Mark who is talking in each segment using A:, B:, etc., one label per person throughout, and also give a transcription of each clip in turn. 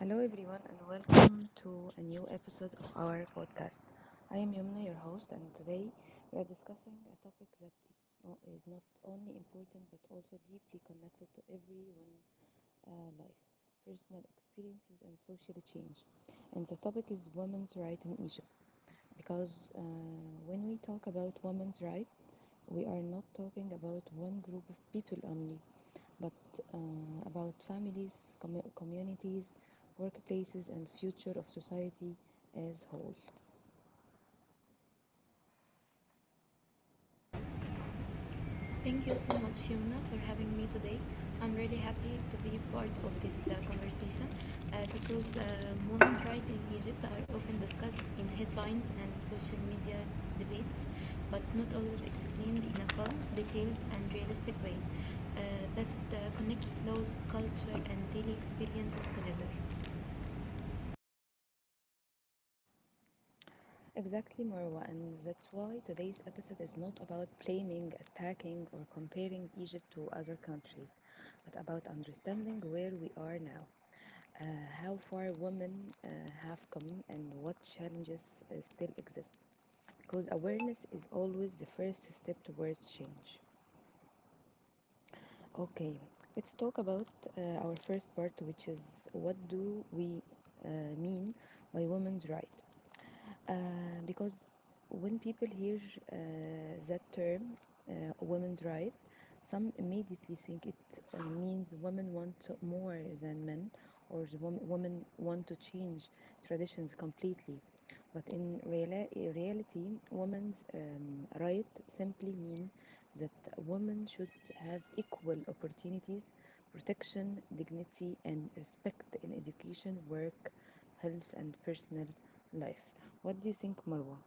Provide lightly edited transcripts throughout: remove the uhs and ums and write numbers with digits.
A: Hello, everyone, and welcome to a new episode of our podcast. I am Yumna, your host, and today we are discussing a topic that is not only important but also deeply connected to everyone' life, personal experiences, and social change. And the topic is women's rights in Egypt because when we talk about women's rights, we are not talking about one group of people only but about families, communities, workplaces, and future of society as whole.
B: Thank you so much, Yumna, for having me today. I'm really happy to be part of this conversation because women's rights in Egypt are often discussed in headlines and social media debates, but not always explained in a calm, detailed, and realistic way that connects laws, culture, and daily experiences together.
A: Exactly, Marwa, and that's why today's episode is not about blaming, attacking, or comparing Egypt to other countries, but about understanding where we are now, uh, how far women uh, have come, and what challenges still exist. Because awareness is always the first step towards change. Okay, let's talk about our first part, which is what do we uh, mean by women's right? Uh, because when people hear uh, that term, women's right, some immediately think it means women want more than men, or the women want to change traditions completely. But in reality, women's right simply mean that women should have equal opportunities, protection, dignity, and respect in education, work, health, and personal life. What do you think, Marwa?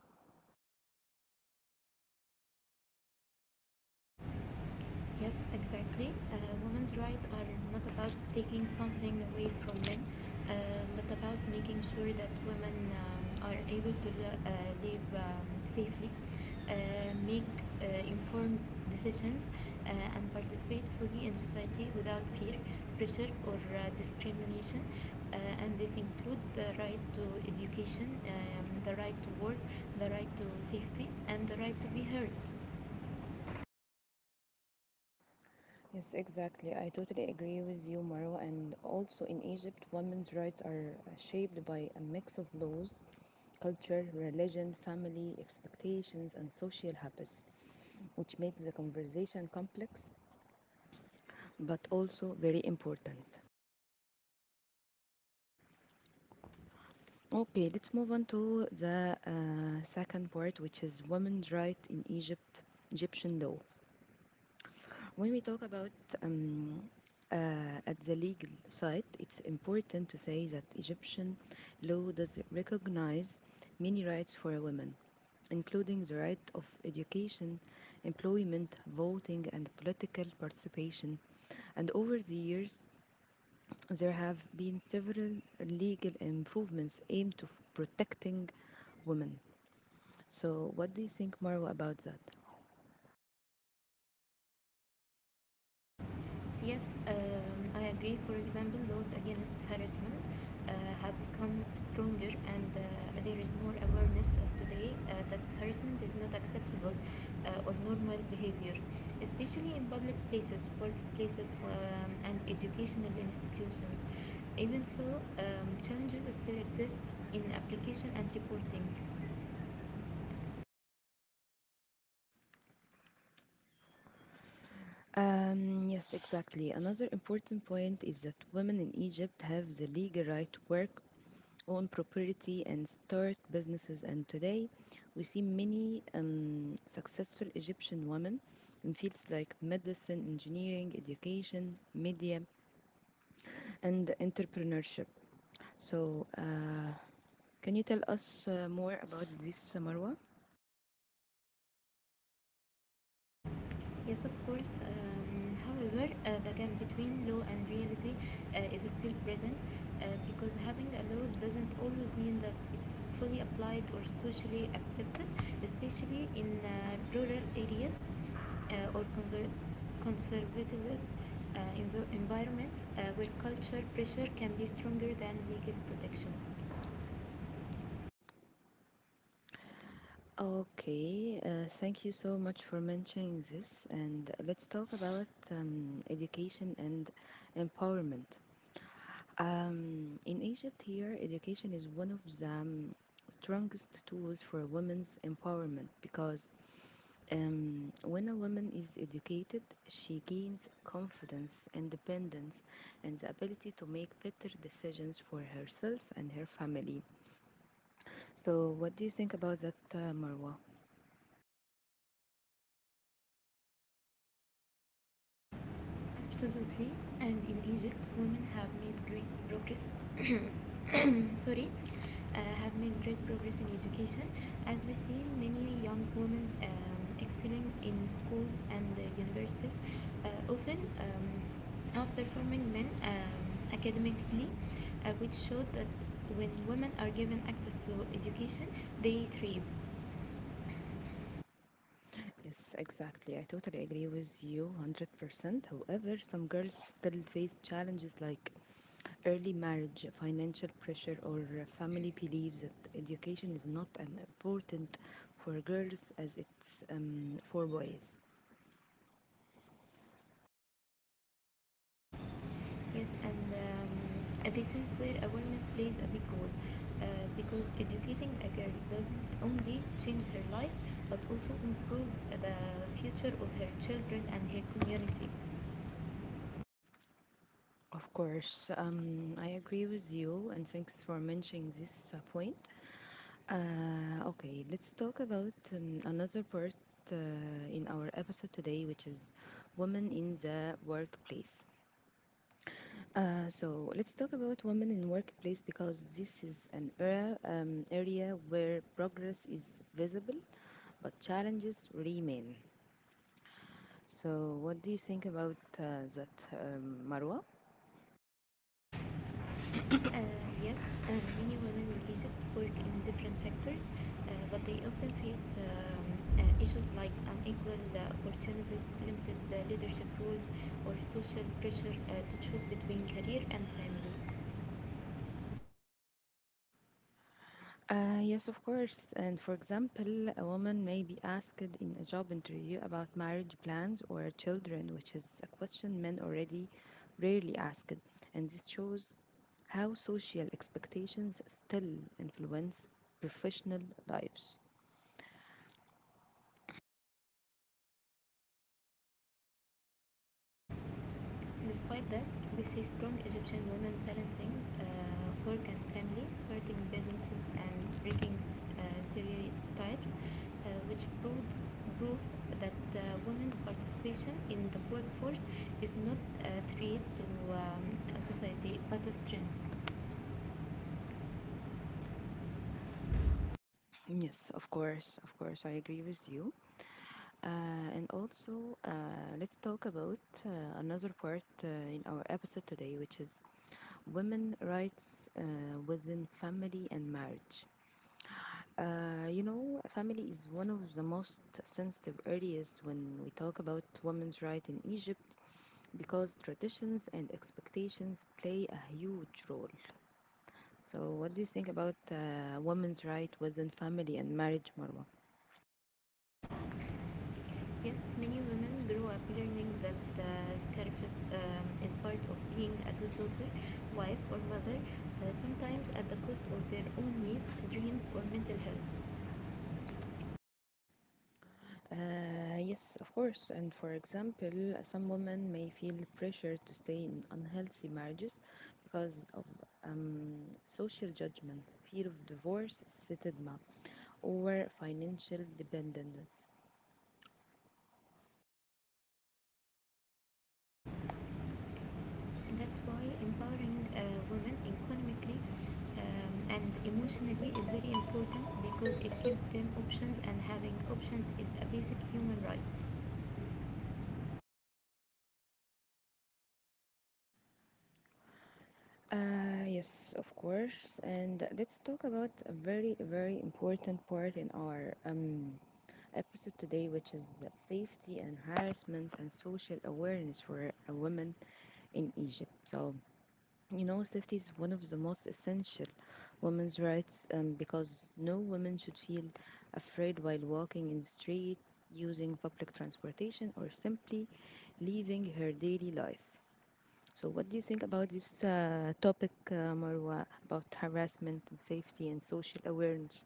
B: Yes, exactly. Women's rights are not about taking something away from men, uh, but about making sure that women are able to live safely, make informed decisions, and participate fully in society without fear, pressure, or discrimination. And this includes the right to education, the right to work, the right to safety, and the right to be heard.
A: Yes, exactly. I totally agree with you, Marwa. And also in Egypt, women's rights are shaped by a mix of laws, culture, religion, family, expectations, and social habits, which makes the conversation complex but also very important. Okay, let's move on to the second part, which is women's right in Egypt, Egyptian law. When we talk about um, uh, at the legal side, it's important to say that Egyptian law does recognize many rights for women, including the right of education, employment, voting, and political participation. And over the years, there have been several legal improvements aimed to protecting women. So, what do you think, Marwa, about that?
B: Yes, I agree. For example, laws against harassment uh, have become stronger, and there is more awareness today that harassment is not acceptable or normal behavior, especially in public places, workplaces, and educational institutions. Even so, challenges still exist in application and reporting.
A: Yes, exactly. Another important point is that women in Egypt have the legal right to work, own property, and start businesses. And today, we see many successful Egyptian women in fields like medicine, engineering, education, media, and entrepreneurship. So, can you tell us more about this, Marwa?
B: Yes, of course. However, the gap between law and reality is still present because having a law doesn't always mean that it's fully applied or socially accepted, especially in rural areas or conservative environments where culture pressure can be stronger than legal protection.
A: Okay, thank you so much for mentioning this, and let's talk about education and empowerment. In Egypt, here, education is one of the strongest tools for women's empowerment because when a woman is educated, she gains confidence, independence, and the ability to make better decisions for herself and her family. So, what do you think about that, Marwa?
B: Absolutely. And in Egypt, women have made great progress. Sorry, have made great progress in education, as we see many young women excelling in schools and universities, often outperforming men academically, which showed that when women are given access to education, they thrive.
A: Yes, exactly. I totally agree with you 100%. However, some girls still face challenges like early marriage, financial pressure, or family beliefs that education is not as important for girls as it's for boys.
B: Yes, and this is where awareness plays a big role because educating a girl doesn't only change her life but also improves the future of her children and her community.
A: Of course, I agree with you, and thanks for mentioning this point. Okay, let's talk about another part uh, in our episode today, which is women in the workplace. So let's talk about women in workplace because this is an area where progress is visible but challenges remain. So what do you think about that, Marwa?
B: Uh, yes, and many women in Egypt work in different sectors, but they often face issues like unequal opportunities, limited leadership roles, or social pressure to choose between career and family.
A: Yes, of course. And for example, a woman may be asked in a job interview about marriage plans or children, which is a question men already rarely asked. And this shows how social expectations still influence professional lives.
B: Despite that, we see strong Egyptian women balancing work and family, starting businesses and breaking stereotypes, proves that women's participation in the workforce is not a threat to society but a strength.
A: Yes, of course, I agree with you. And also, let's talk about uh, another part in our episode today, which is women rights within family and marriage. You know, family is one of the most sensitive areas when we talk about women's right in Egypt because traditions and expectations play a huge role. So, what do you think about women's right within family and marriage, Marwa?
B: Yes, many women grow up learning that the sacrifice is part of being a good daughter, wife, or mother, sometimes at the cost of their own needs, dreams, or mental health.
A: Yes, of course. And for example, some women may feel pressure to stay in unhealthy marriages because of um, social judgment, fear of divorce, stigma, or financial dependence.
B: That's why empowering women economically and emotionally is very important because it gives them options, and having options is a basic human right.
A: Yes, of course. And let's talk about a very, very important part in our episode today, which is safety and harassment and social awareness for women in Egypt. So, you know, safety is one of the most essential women's rights because no woman should feel afraid while walking in the street, using public transportation, or simply living her daily life. So, what do you think about this topic, Marwa, about harassment and safety and social awareness?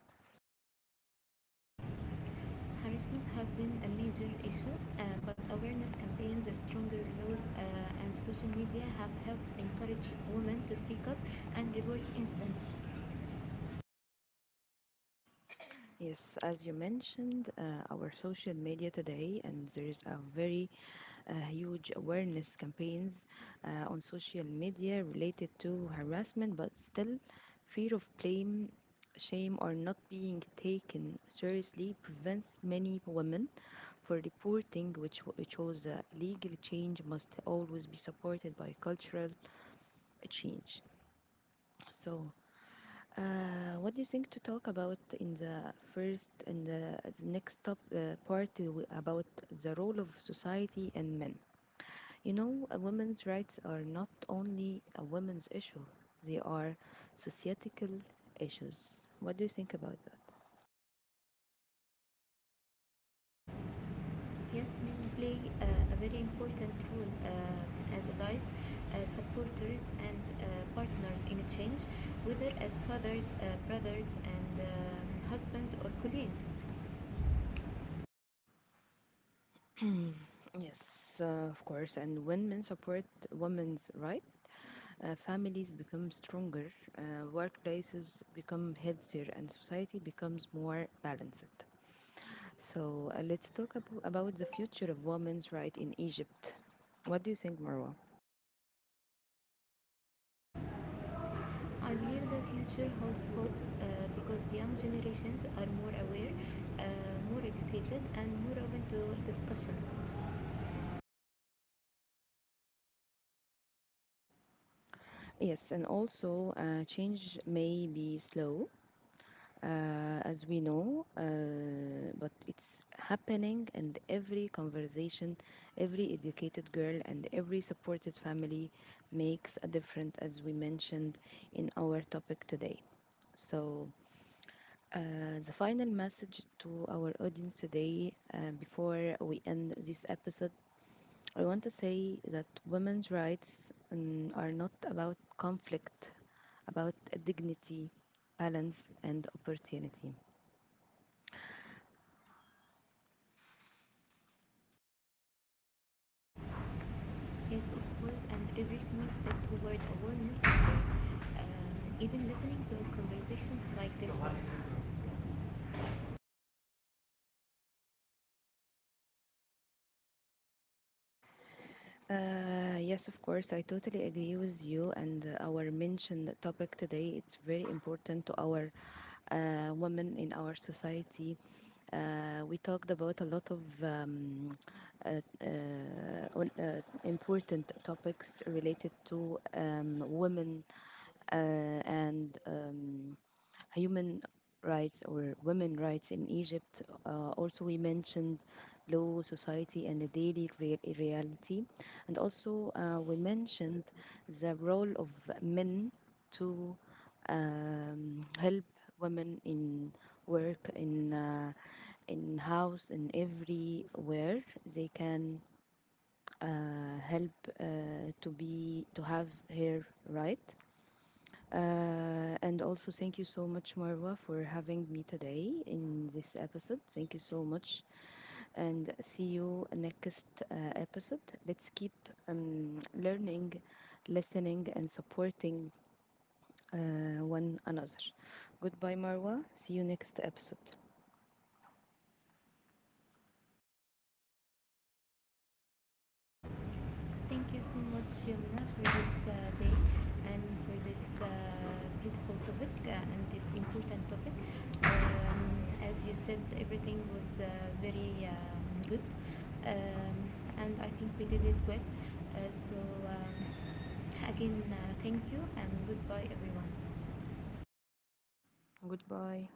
B: Harassment has been a major issue, but awareness campaigns, stronger laws, and social media have helped encourage women to speak up and report incidents.
A: Yes, as you mentioned, our social media today, and there is a very huge awareness campaigns on social media related to harassment, but still, fear of blame, shame, or not being taken seriously prevents many women for reporting, which shows legal change must always be supported by cultural change. So. What do you think to talk about in the next top part about the role of society and men? You know, women's rights are not only a women's issue, they are societal issues. What do you think about that?
B: Yes, men play a very important role as allies, supporters, and partners in a change, whether as fathers, brothers, and husbands or colleagues.
A: Yes, of course. And when men support women's rights, families become stronger, uh, workplaces become healthier, and society becomes more balanced. So let's talk about the future of women's rights in Egypt. What do you think, Marwa?
B: I believe the future holds hope because young generations are more aware, more educated, and more open to discussion.
A: Yes, and also change may be slow, as we know, but it's happening and every conversation, every educated girl, and every supported family makes a difference, as we mentioned in our topic today. So, the final message to our audience today, before we end this episode, I want to say that women's rights are not about conflict, about dignity, balance, and opportunity.
B: Yes, of course, and every small step toward awareness matters, even listening to conversations like this one.
A: Yes, of course, I totally agree with you. And our mentioned topic today, it's very important to our women in our society. We talked about a lot of uh, uh, important topics related to women uh, and human rights or women rights in Egypt. Also, we mentioned law, society, and the daily reality. And also, we mentioned the role of men to help women in work, in house, in everywhere. They can help to be to have her right. And also, thank you so much, Marwa, for having me today in this episode. Thank you so much, and see you next episode. Let's keep learning, listening, and supporting one another. Goodbye, Marwa. See you next episode.
B: Thank you so much, Yumna, for this day and for this beautiful topic and this important topic. Um, as you said, everything was very good, um, and I think we did it well. Uh, so, um, again, uh, Thank you and goodbye, everyone.
A: Goodbye.